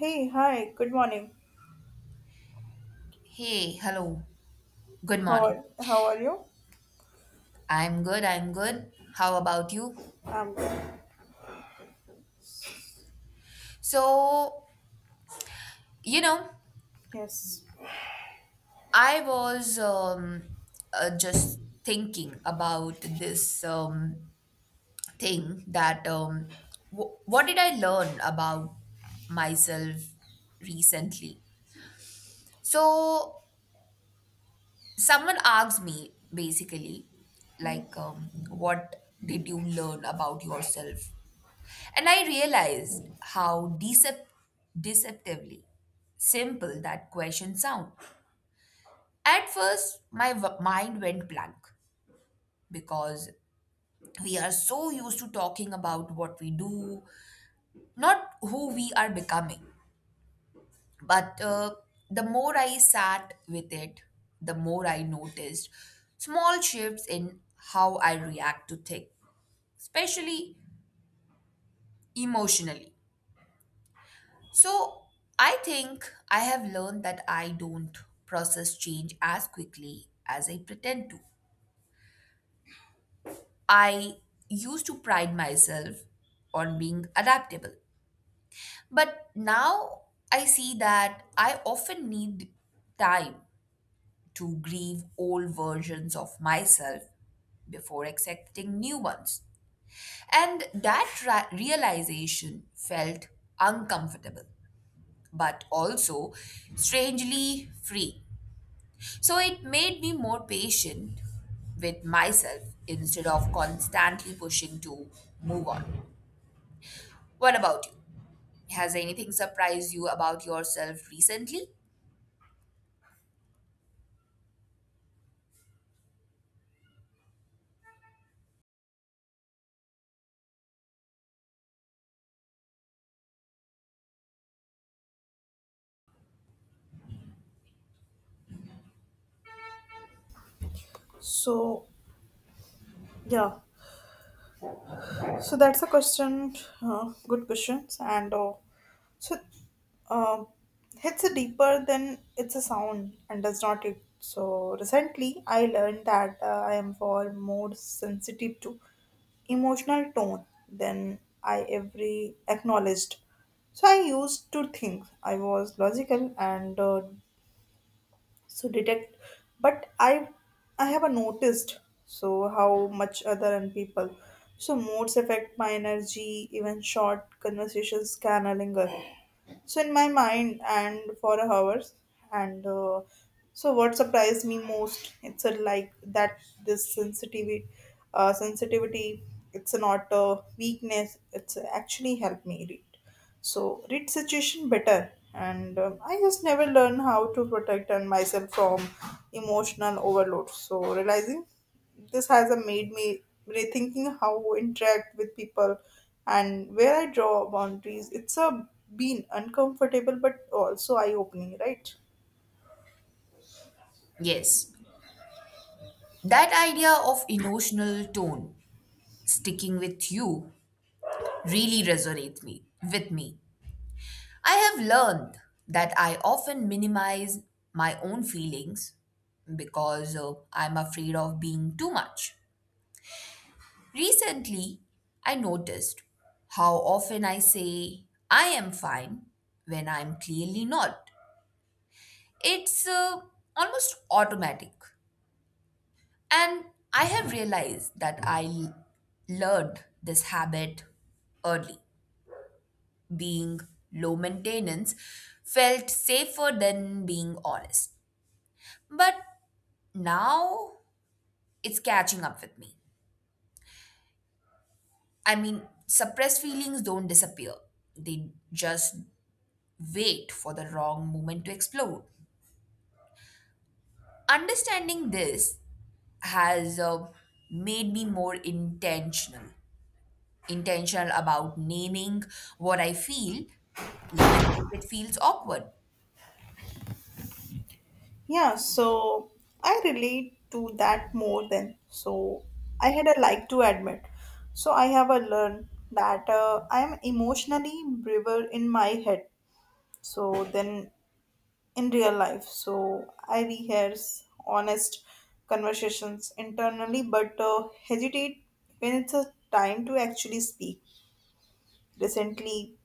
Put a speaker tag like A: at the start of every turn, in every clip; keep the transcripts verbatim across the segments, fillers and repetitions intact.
A: Hey, hi, good morning.
B: Hey, hello. Good
A: How
B: morning.
A: are how are you?
B: I'm good. I'm good. How about you?
A: I'm good.
B: So, you know,
A: Yes.
B: I was um, uh, Just thinking about this um, thing that um, w- what did I learn about myself recently? So, someone asked me basically, like, um, what did you learn about yourself? And I realized how decep- deceptively simple that question sound. At first, my w- mind went blank because we are so used to talking about what we do, not who we are becoming. But uh, the more I sat with it, the more I noticed small shifts in how I react to things, especially emotionally. So I think I have learned that I don't process change as quickly as I pretend to. I used to pride myself on being adaptable, but now I see that I often need time to grieve old versions of myself before accepting new ones. And that ra- realization felt uncomfortable, but also strangely free. So it made me more patient with myself instead of constantly pushing to move on. What about you? Has anything surprised you about yourself recently?
A: So yeah. So that's a question. Uh, good questions. And uh, so, um, it's a deeper than it's a sound and does not it. So recently, I learned that uh, I am far more sensitive to emotional tone than I ever acknowledged. So I used to think I was logical and uh, so detect but i i have a noticed so how much other and people so moods affect my energy, even short conversations can linger so in my mind and for hours and uh, so what surprised me most it's a, like that this sensitivity uh, sensitivity it's not a weakness, it's actually helped me read so read situation better, and um, I just never learn how to protect and myself from emotional overload. So realizing this has uh, made me rethinking how I interact with people and where I draw boundaries, it's a been uncomfortable but also eye opening, right?
B: Yes, that idea of emotional tone sticking with you really resonates me with me. I have learned that I often minimize my own feelings because uh, I'm afraid of being too much. Recently, I noticed how often I say I am fine when I'm clearly not. It's uh, almost automatic. And I have realized that I l- learned this habit early. Being low maintenance felt safer than being honest. But now it's catching up with me. I mean, suppressed feelings don't disappear, they just wait for the wrong moment to explode. Understanding this has uh, made me more intentional, intentional about naming what I feel, even if it feels awkward.
A: Yeah, so I relate to that more than so I had a like to admit. So I have a learn that uh, I am emotionally braver in my head. So then in real life, so I rehearse honest conversations internally, but uh, hesitate when it's a time to actually speak. Recently,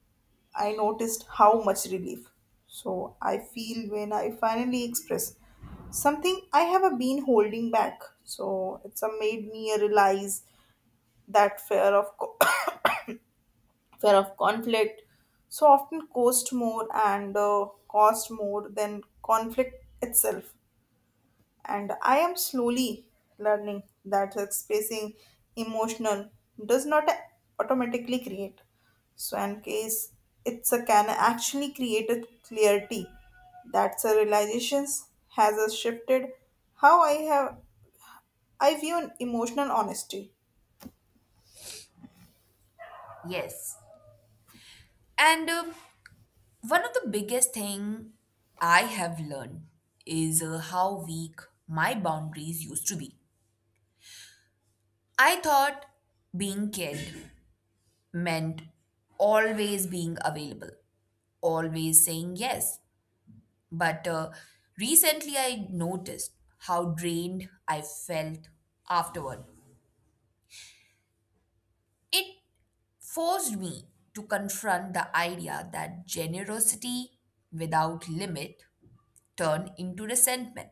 A: I noticed how much relief. So I feel when I finally express something I have uh, been holding back. So it's uh, made me realize that fear of co- fear of conflict so often cost more and uh, cost more than conflict itself. And I am slowly learning that expressing emotional does not automatically create. So in case it's a can actually create a clarity. That's a realizations has a shifted how I have I view an emotional honesty.
B: Yes. And uh, one of the biggest thing I have learned is uh, how weak my boundaries used to be. I thought being cared meant always being available, always saying yes. But uh, recently I noticed how drained I felt afterward. It forced me to confront the idea that generosity without limit turned into resentment.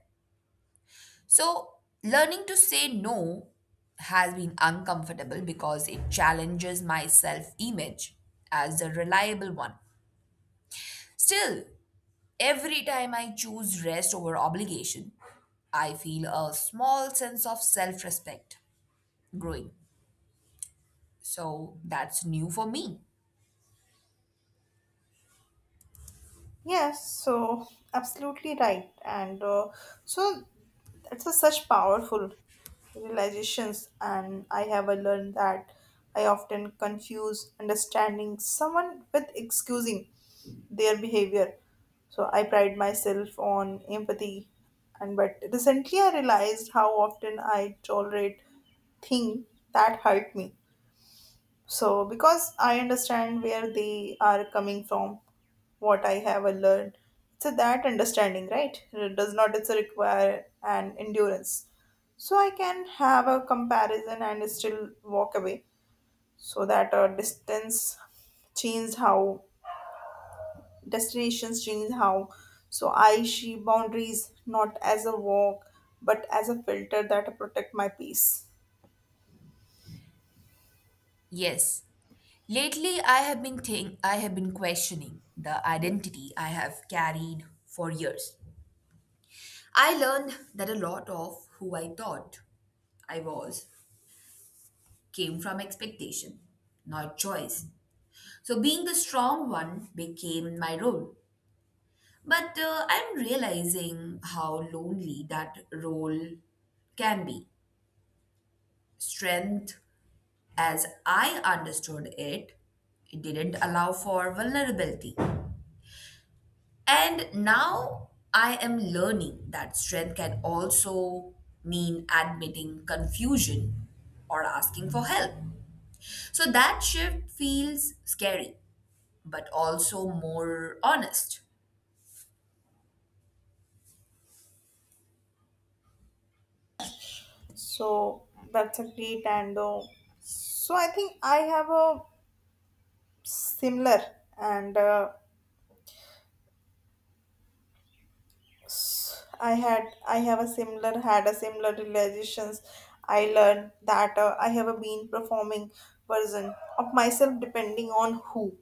B: So, learning to say no has been uncomfortable because it challenges my self image as a reliable one. Still, every time I choose rest over obligation, I feel a small sense of self respect growing. So that's new for me.
A: Yes, so absolutely right. And uh, so it's a such powerful realizations, and I have uh, learned that I often confuse understanding someone with excusing their behavior. So I pride myself on empathy, and but recently I realized how often I tolerate things that hurt me so, because I understand where they are coming from, what I have learned, it's a that understanding, right? It does not it's a require an endurance. So I can have a comparison and still walk away. So that uh, distance changed how, destinations changed how. So I see boundaries not as a walk, but as a filter that protect my peace.
B: Yes. Lately I have been think I have been questioning the identity I have carried for years. I learned that a lot of who I thought I was came from expectation, not choice. So being the strong one became my role. But uh, I'm realizing how lonely that role can be. Strength, as I understood it, it didn't allow for vulnerability. And now I am learning that strength can also mean admitting confusion or asking for help. So that shift feels scary, but also more honest.
A: So that's a great, and uh, so I think I have a similar, and uh, s- I had I have a similar had a similar realizations. I learned that uh, I have a been performing version of myself depending on who.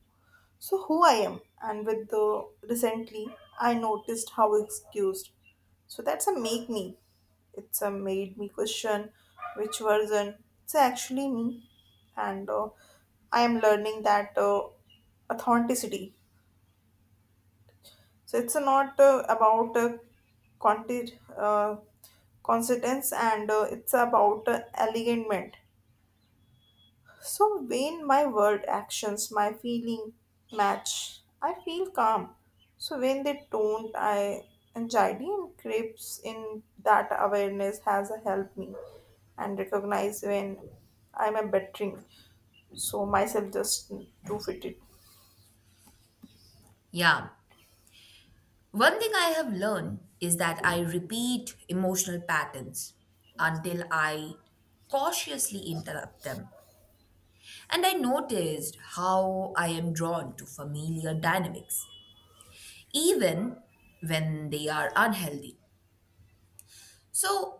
A: So, who I am, and with the recently, I noticed how excused. So, that's a make me. It's a made me question which version. It's actually me, and uh, I am learning that uh, authenticity. So, it's not uh, about uh, content, uh, consistence, and uh, it's about uh, alignment. So when my word actions, my feeling match, I feel calm. So when they don't, I anxiety and creeps in, that awareness has helped me and recognize when I'm a bettering. So myself just to fit it.
B: Yeah. One thing I have learned is that I repeat emotional patterns until I cautiously interrupt them. And I noticed how I am drawn to familiar dynamics, even when they are unhealthy. So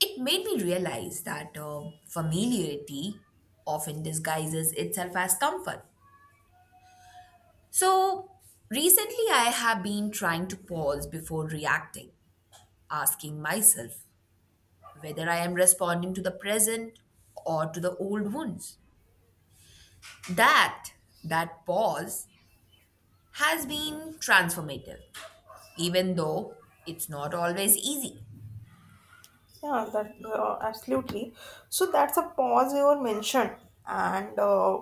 B: it made me realize that uh, familiarity often disguises itself as comfort. So recently, I have been trying to pause before reacting, asking myself whether I am responding to the present or to the old wounds. That, that pause has been transformative, even though it's not always easy.
A: Yeah, that uh, absolutely. So that's a pause you were mentioned, and uh,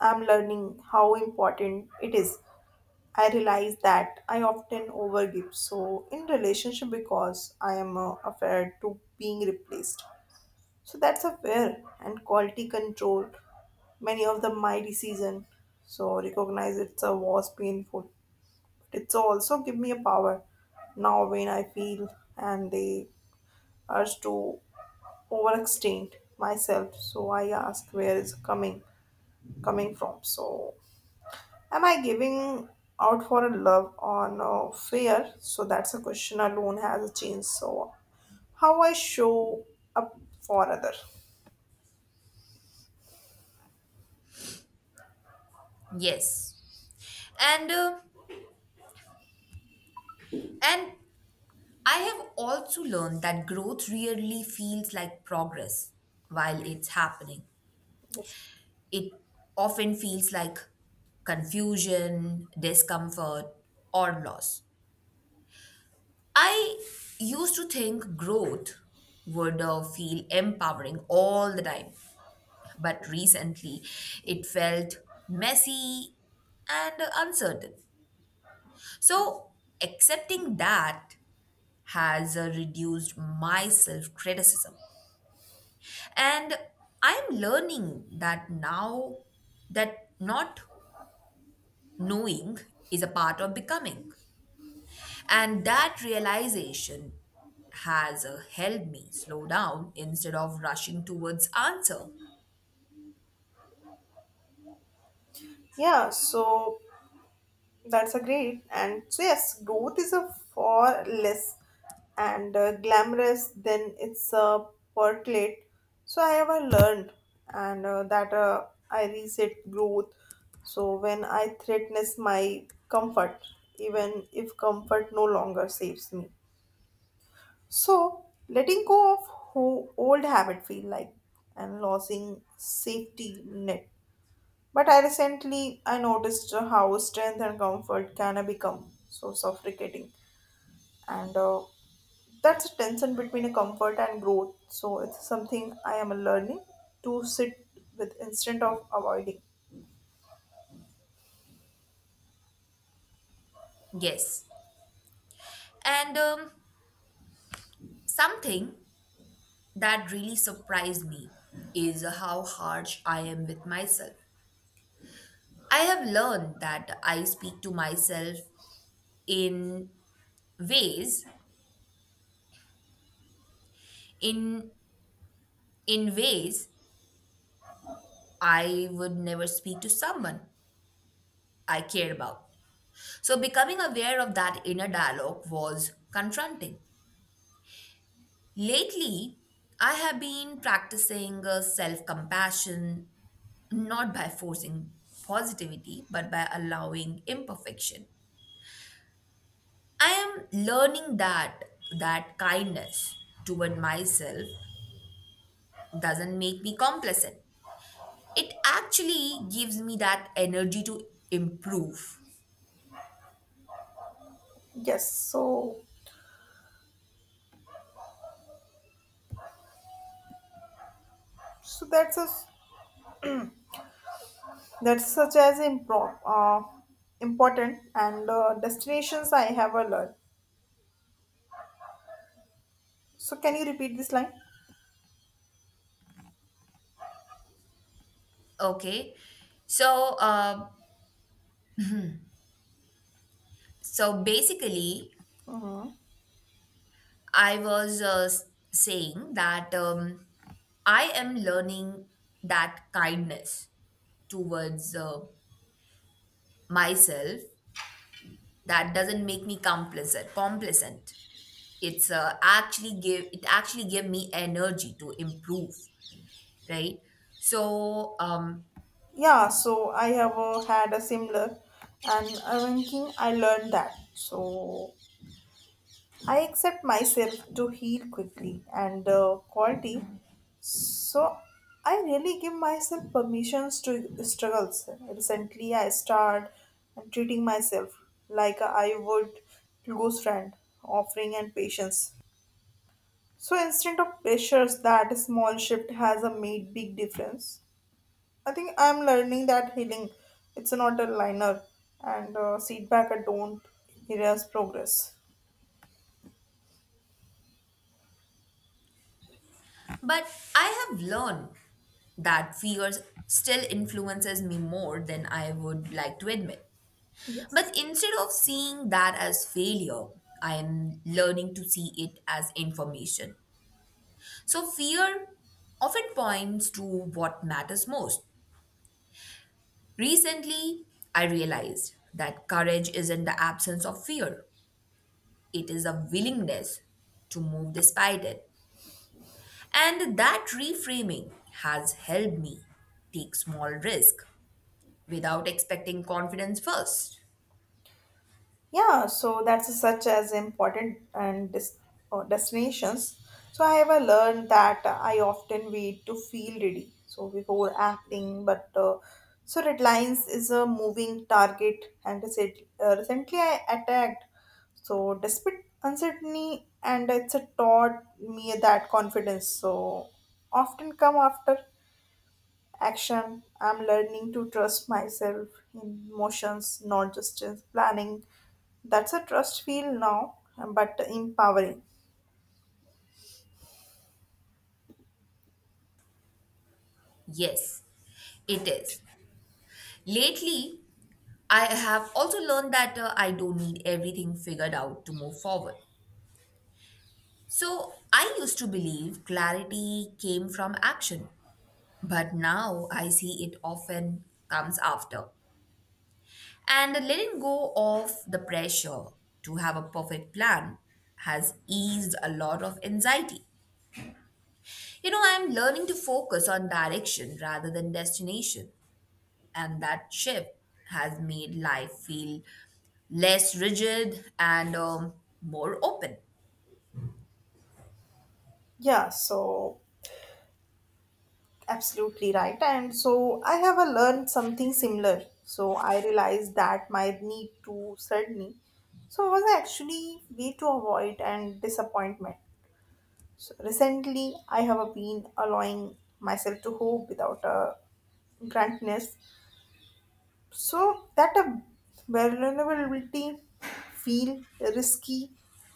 A: I'm learning how important it is. I realize that I often overgive, so in relationship because I am uh, afraid to being replaced. So that's a fair and quality control. Many of the my decision, so recognize it's a was painful. It's also give me a power now when I feel and the urge to overextend myself, so I ask where is coming coming from, so am I giving out for a love or no fear, so that's a question alone has a change so how I show up for other.
B: Yes. And, uh, and I have also learned that growth rarely feels like progress while it's happening.
A: Yes.
B: It often feels like confusion, discomfort, or loss. I used to think growth would uh, feel empowering all the time, but recently it felt messy and uncertain. So, accepting that has uh, reduced my self criticism. And I'm learning that now that not knowing is a part of becoming. And that realization has uh, helped me slow down instead of rushing towards answer.
A: Yeah, so that's a great. And so, yes, growth is a far less and uh, glamorous than it's a percolate. So, I have uh, learned and uh, that uh, I reset growth. So, when I threatens my comfort, even if comfort no longer saves me. So, letting go of ho- old habit feel like and losing safety net, but I recently I noticed how strength and comfort can become so suffocating, and uh, that's a tension between a comfort and growth. So it's something I am learning to sit with instead of avoiding.
B: Yes. And um, Something that really surprised me is how harsh I am with myself. I have learned that I speak to myself in ways in in ways I would never speak to someone I cared about. So becoming aware of that inner dialogue was confronting. Lately, I have been practicing self compassion not by forcing positivity but by allowing imperfection. I am learning that that kindness toward myself doesn't make me complacent. It actually gives me that energy to improve.
A: Yes, so so that's a that's such as impro- uh, important and uh, destinations I have a learned. So can you repeat this line?
B: Okay, so uh, so basically,
A: Mhm.
B: I was uh, saying that. Um, I am learning that kindness towards uh, myself that doesn't make me complacent. Complacent. It's uh, actually give it actually give me energy to improve, right? So, um,
A: Yeah, so I have uh, had a similar, and I thinking I learned that. So I accept myself to heal quickly and uh, quality. So I really give myself permissions to struggles. Recently, I start treating myself like I would close friend, offering and patience. So instead of pressures, that small shift has a made big difference. I think I'm learning that healing, it's not a liner, and uh, setback I don't erase progress.
B: but I have learned that fears still influences me more than I would like to admit.
A: Yes.
B: But instead of seeing that as failure, I am learning to see it as information. So, fear often points to what matters most. Recently, I realized that courage isn't the absence of fear, it is a willingness to move despite it. And that reframing has helped me take small risk without expecting confidence first.
A: Yeah, so that's such as important and dis- uh, destinations. So I have uh, learned that I often wait to feel ready. So before acting, but uh, so Red Lines is a moving target, and recent- uh, recently I attacked. So despite uncertainty, and it's a taught me that confidence. So often come after action, I'm learning to trust myself in motions, not just in planning, that's a trust feel now but empowering.
B: Yes, it is. Lately, I have also learned that uh, I don't need everything figured out to move forward. So I used to believe clarity came from action, but now I see it often comes after. And letting go of the pressure to have a perfect plan has eased a lot of anxiety. You know, I'm learning to focus on direction rather than destination, and that shift has made life feel less rigid and um, more open.
A: Yeah, so absolutely right, and so I have a learned something similar, so I realized that my need to certainly so was actually way to avoid and disappointment, so recently I have been allowing myself to hope without a grantness. So that a vulnerability feel risky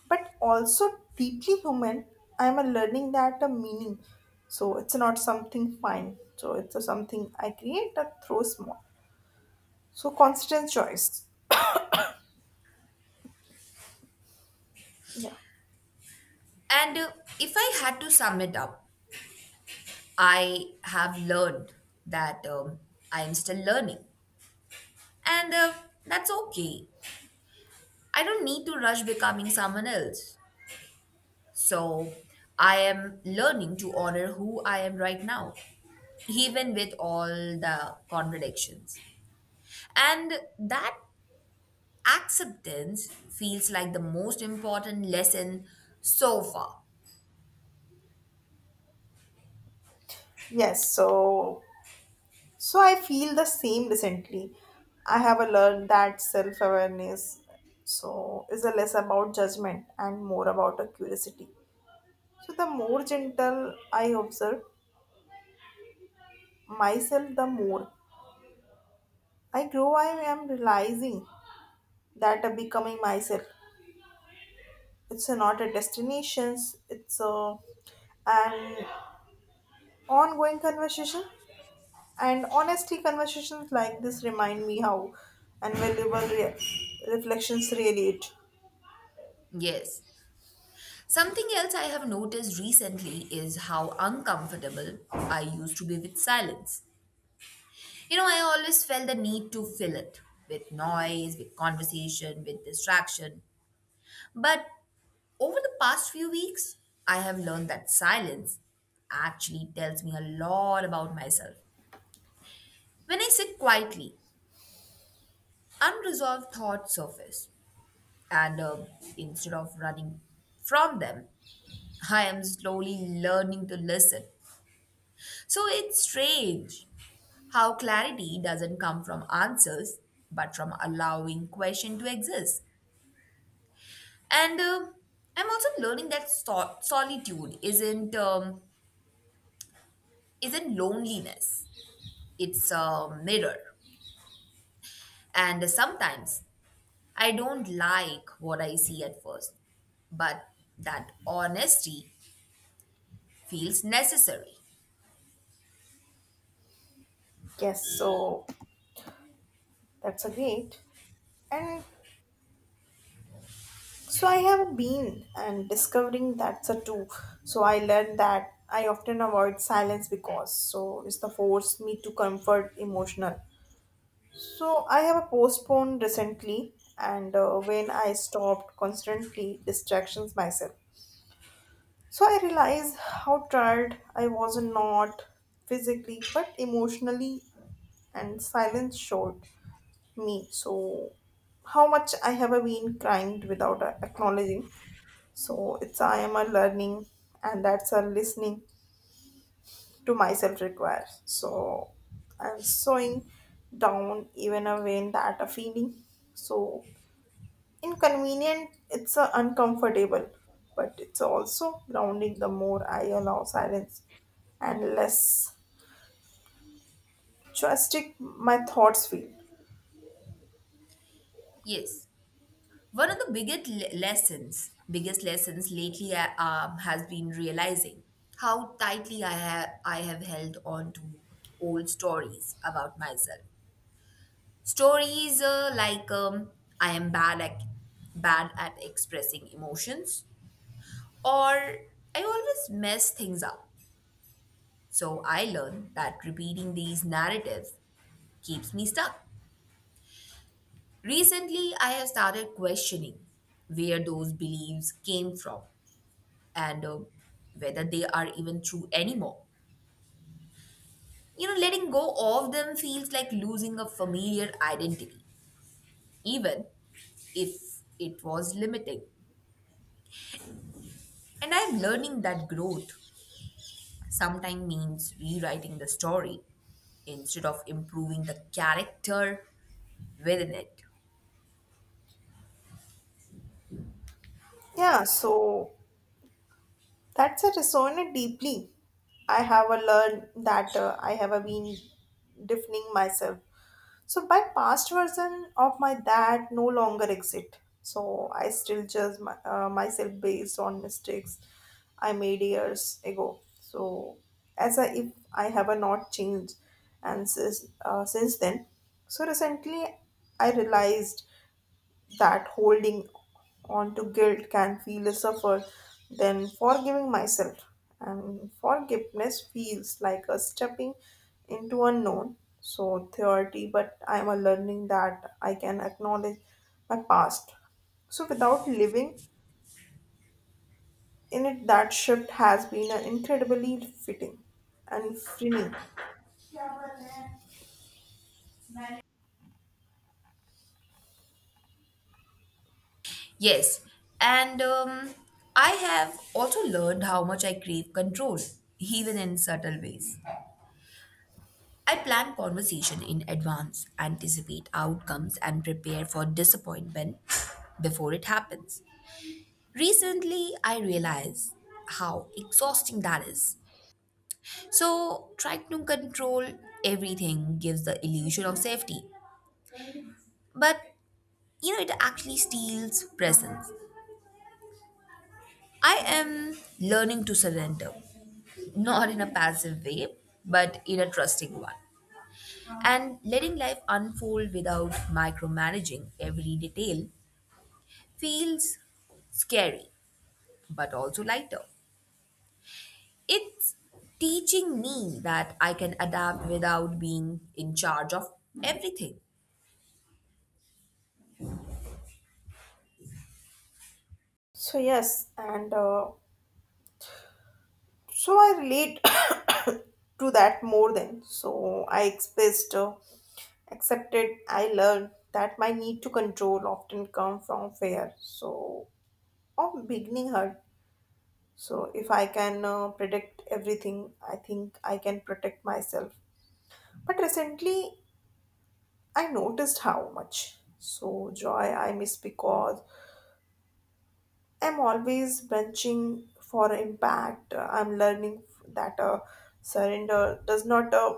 A: but also deeply human, I am a learning that a meaning. So it's not something fine. So it's a something I create that throw small. So constant choice. Yeah.
B: And uh, if I had to sum it up, I have learned that um, I am still learning. And uh, that's okay. I don't need to rush becoming someone else. So I am learning to honor who I am right now, even with all the contradictions. And that acceptance feels like the most important lesson so far.
A: Yes. So so I feel the same recently. I have a learned that self awareness so is a less about judgment and more about a curiosity. So the more gentle I observe, myself, the more I grow, I am realizing that uh, becoming myself, it's uh, not a destination, it's a, an ongoing conversation. And honestly, conversations like this remind me how invaluable re- reflections really it.
B: Yes. Something else I have noticed recently is how uncomfortable I used to be with silence. You know, I always felt the need to fill it with noise, with conversation, with distraction. But over the past few weeks, I have learned that silence actually tells me a lot about myself. When I sit quietly, unresolved thoughts surface, and uh, instead of running from them, I am slowly learning to listen. So it's strange how clarity doesn't come from answers, but from allowing question to exist. And uh, I'm also learning that so- solitude isn't um, isn't loneliness. It's a mirror. And sometimes I don't like what I see at first, but that honesty feels necessary.
A: Yes, so that's a great. And so I have been and discovering that's a too. So I learned that I often avoid silence because so it's the force me to comfort emotional. So I have a postponed recently, and uh, when I stopped constantly distractions myself. So I realized how tired I was, not physically but emotionally, and silence showed me so how much I have been crying without uh, acknowledging, so it's I am a learning and that's a listening to myself requires so I'm sewing down, even a vein that a feeling so inconvenient it's a uncomfortable but it's also grounding, the more I allow silence and less drastic my thoughts feel.
B: Yes. One of the biggest le- lessons, biggest lessons lately uh, um, has been realizing how tightly I have I have held on to old stories about myself. Stories uh, like um, I am bad at bad at expressing emotions, or I always mess things up. So I learned that repeating these narratives keeps me stuck. Recently, I have started questioning where those beliefs came from and uh, whether they are even true anymore. You know, letting go of them feels like losing a familiar identity, even if it was limiting. And I'm learning that growth sometimes means rewriting the story instead of improving the character within it.
A: Yeah, so that's a resonant deeply, I have a learned that uh, I have a been deafening myself. So my past version of my that no longer exist. So I still judge my, uh, myself based on mistakes I made years ago. So as I, if I have a not changed, and since uh, since then, so recently I realized that holding on to guilt can feel is suffered than forgiving myself. And forgiveness feels like a stepping into unknown. So theory, but I'm a learning that I can acknowledge my past. So without living in it, that shift has been uh, incredibly fitting and freeing.
B: Yes, and um, I have also learned how much I crave control, even in subtle ways. I plan conversation in advance, anticipate outcomes, and prepare for disappointment before it happens. Recently, I realized how exhausting that is. So, trying to control everything gives the illusion of safety, but you know, it actually steals presence. I am learning to surrender, not in a passive way, but in a trusting one. And letting life unfold without micromanaging every detail feels scary, but also lighter. It's teaching me that I can adapt without being in charge of everything.
A: So yes, and uh, so I relate to that more than so I expressed. Uh, accepted I learned that my need to control often come from fear so of beginning hurt, so if I can uh, predict everything I think I can protect myself, but recently I noticed how much so joy I miss because I'm always branching for impact, I'm learning that uh, surrender does not uh,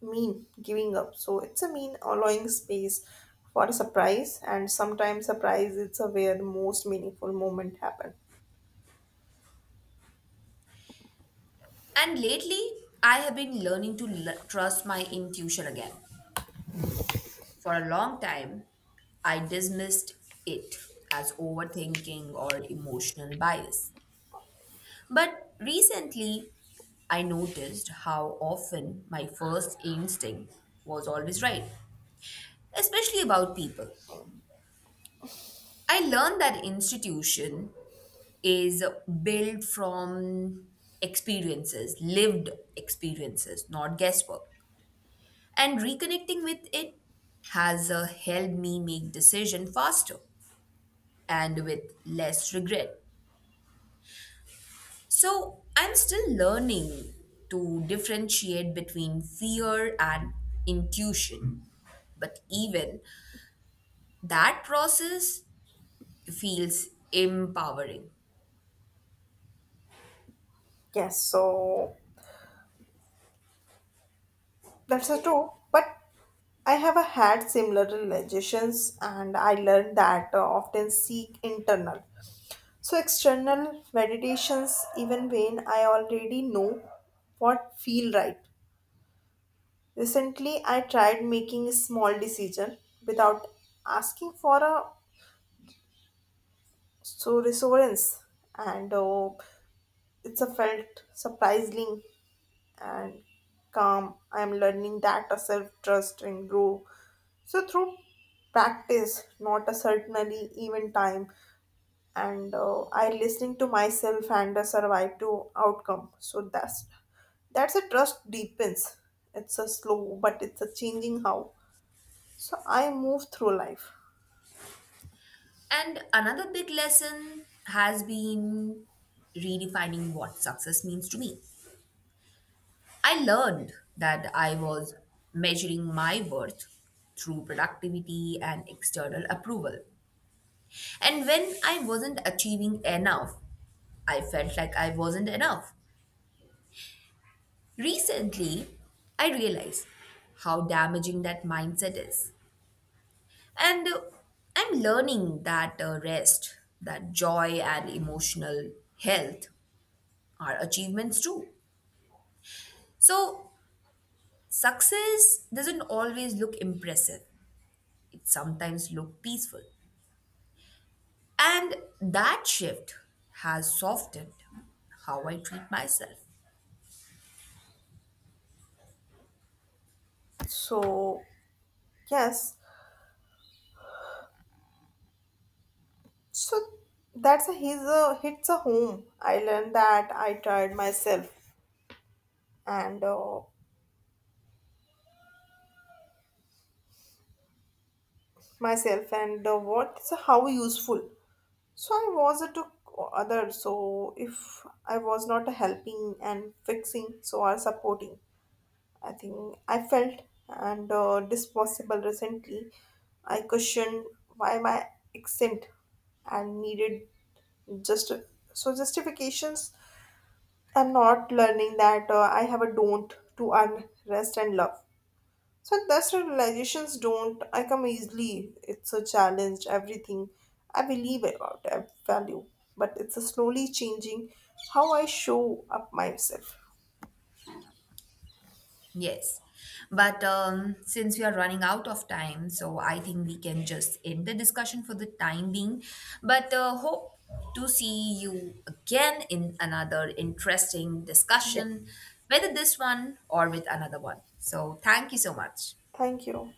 A: mean giving up. So it's a mean allowing space for a surprise, and sometimes surprise is a where the most meaningful moment happen.
B: And lately, I have been learning to l- trust my intuition again. For a long time, I dismissed it as overthinking or emotional bias. But recently, I noticed how often my first instinct was always right, especially about people. I learned that institution is built from experiences, lived experiences, not guesswork. And reconnecting with it has uh, helped me make decision faster and with less regret. So I'm still learning to differentiate between fear and intuition, but even that process feels empowering.
A: Yes, so that's a true. But I have a had similar realizations, and I learned that uh, often seek internal. So external meditations, even when I already know what feel right. Recently, I tried making a small decision without asking for a so reassurance and uh, it's a felt surprising and calm, I'm learning that a self-trust and grow so through practice, not a certainly even time, and uh, I listening to myself and uh, survive to outcome, so that's that's a trust deepens, it's a slow but it's a changing how so I move through life.
B: And another big lesson has been redefining what success means to me. I learned that I was measuring my worth through productivity and external approval. And when I wasn't achieving enough, I felt like I wasn't enough. Recently, I realized how damaging that mindset is. And uh, I'm learning that uh, rest, that joy, and emotional health are achievements too. So, success doesn't always look impressive, it sometimes looks peaceful. And that shift has softened how I treat myself.
A: So yes. So that's a his uh, hits a home. I learned that I tried myself and uh, myself and uh, what is how useful. So I was a to others. So if I was not uh, helping and fixing, so I supporting. I think I felt and uh, disposable recently. I questioned why my accent and needed just so justifications, I'm not learning that uh, I have a don't to earn rest and love. So that's the realizations don't I come easily. It's a challenge, everything. I believe about it, I value, but it's a slowly changing how I show up myself.
B: Yes. But um, since we are running out of time, so I think we can just end the discussion for the time being. But uh, hope to see you again in another interesting
A: Yes,
B: discussion, whether this one or with another one. So thank you so much.
A: thank you.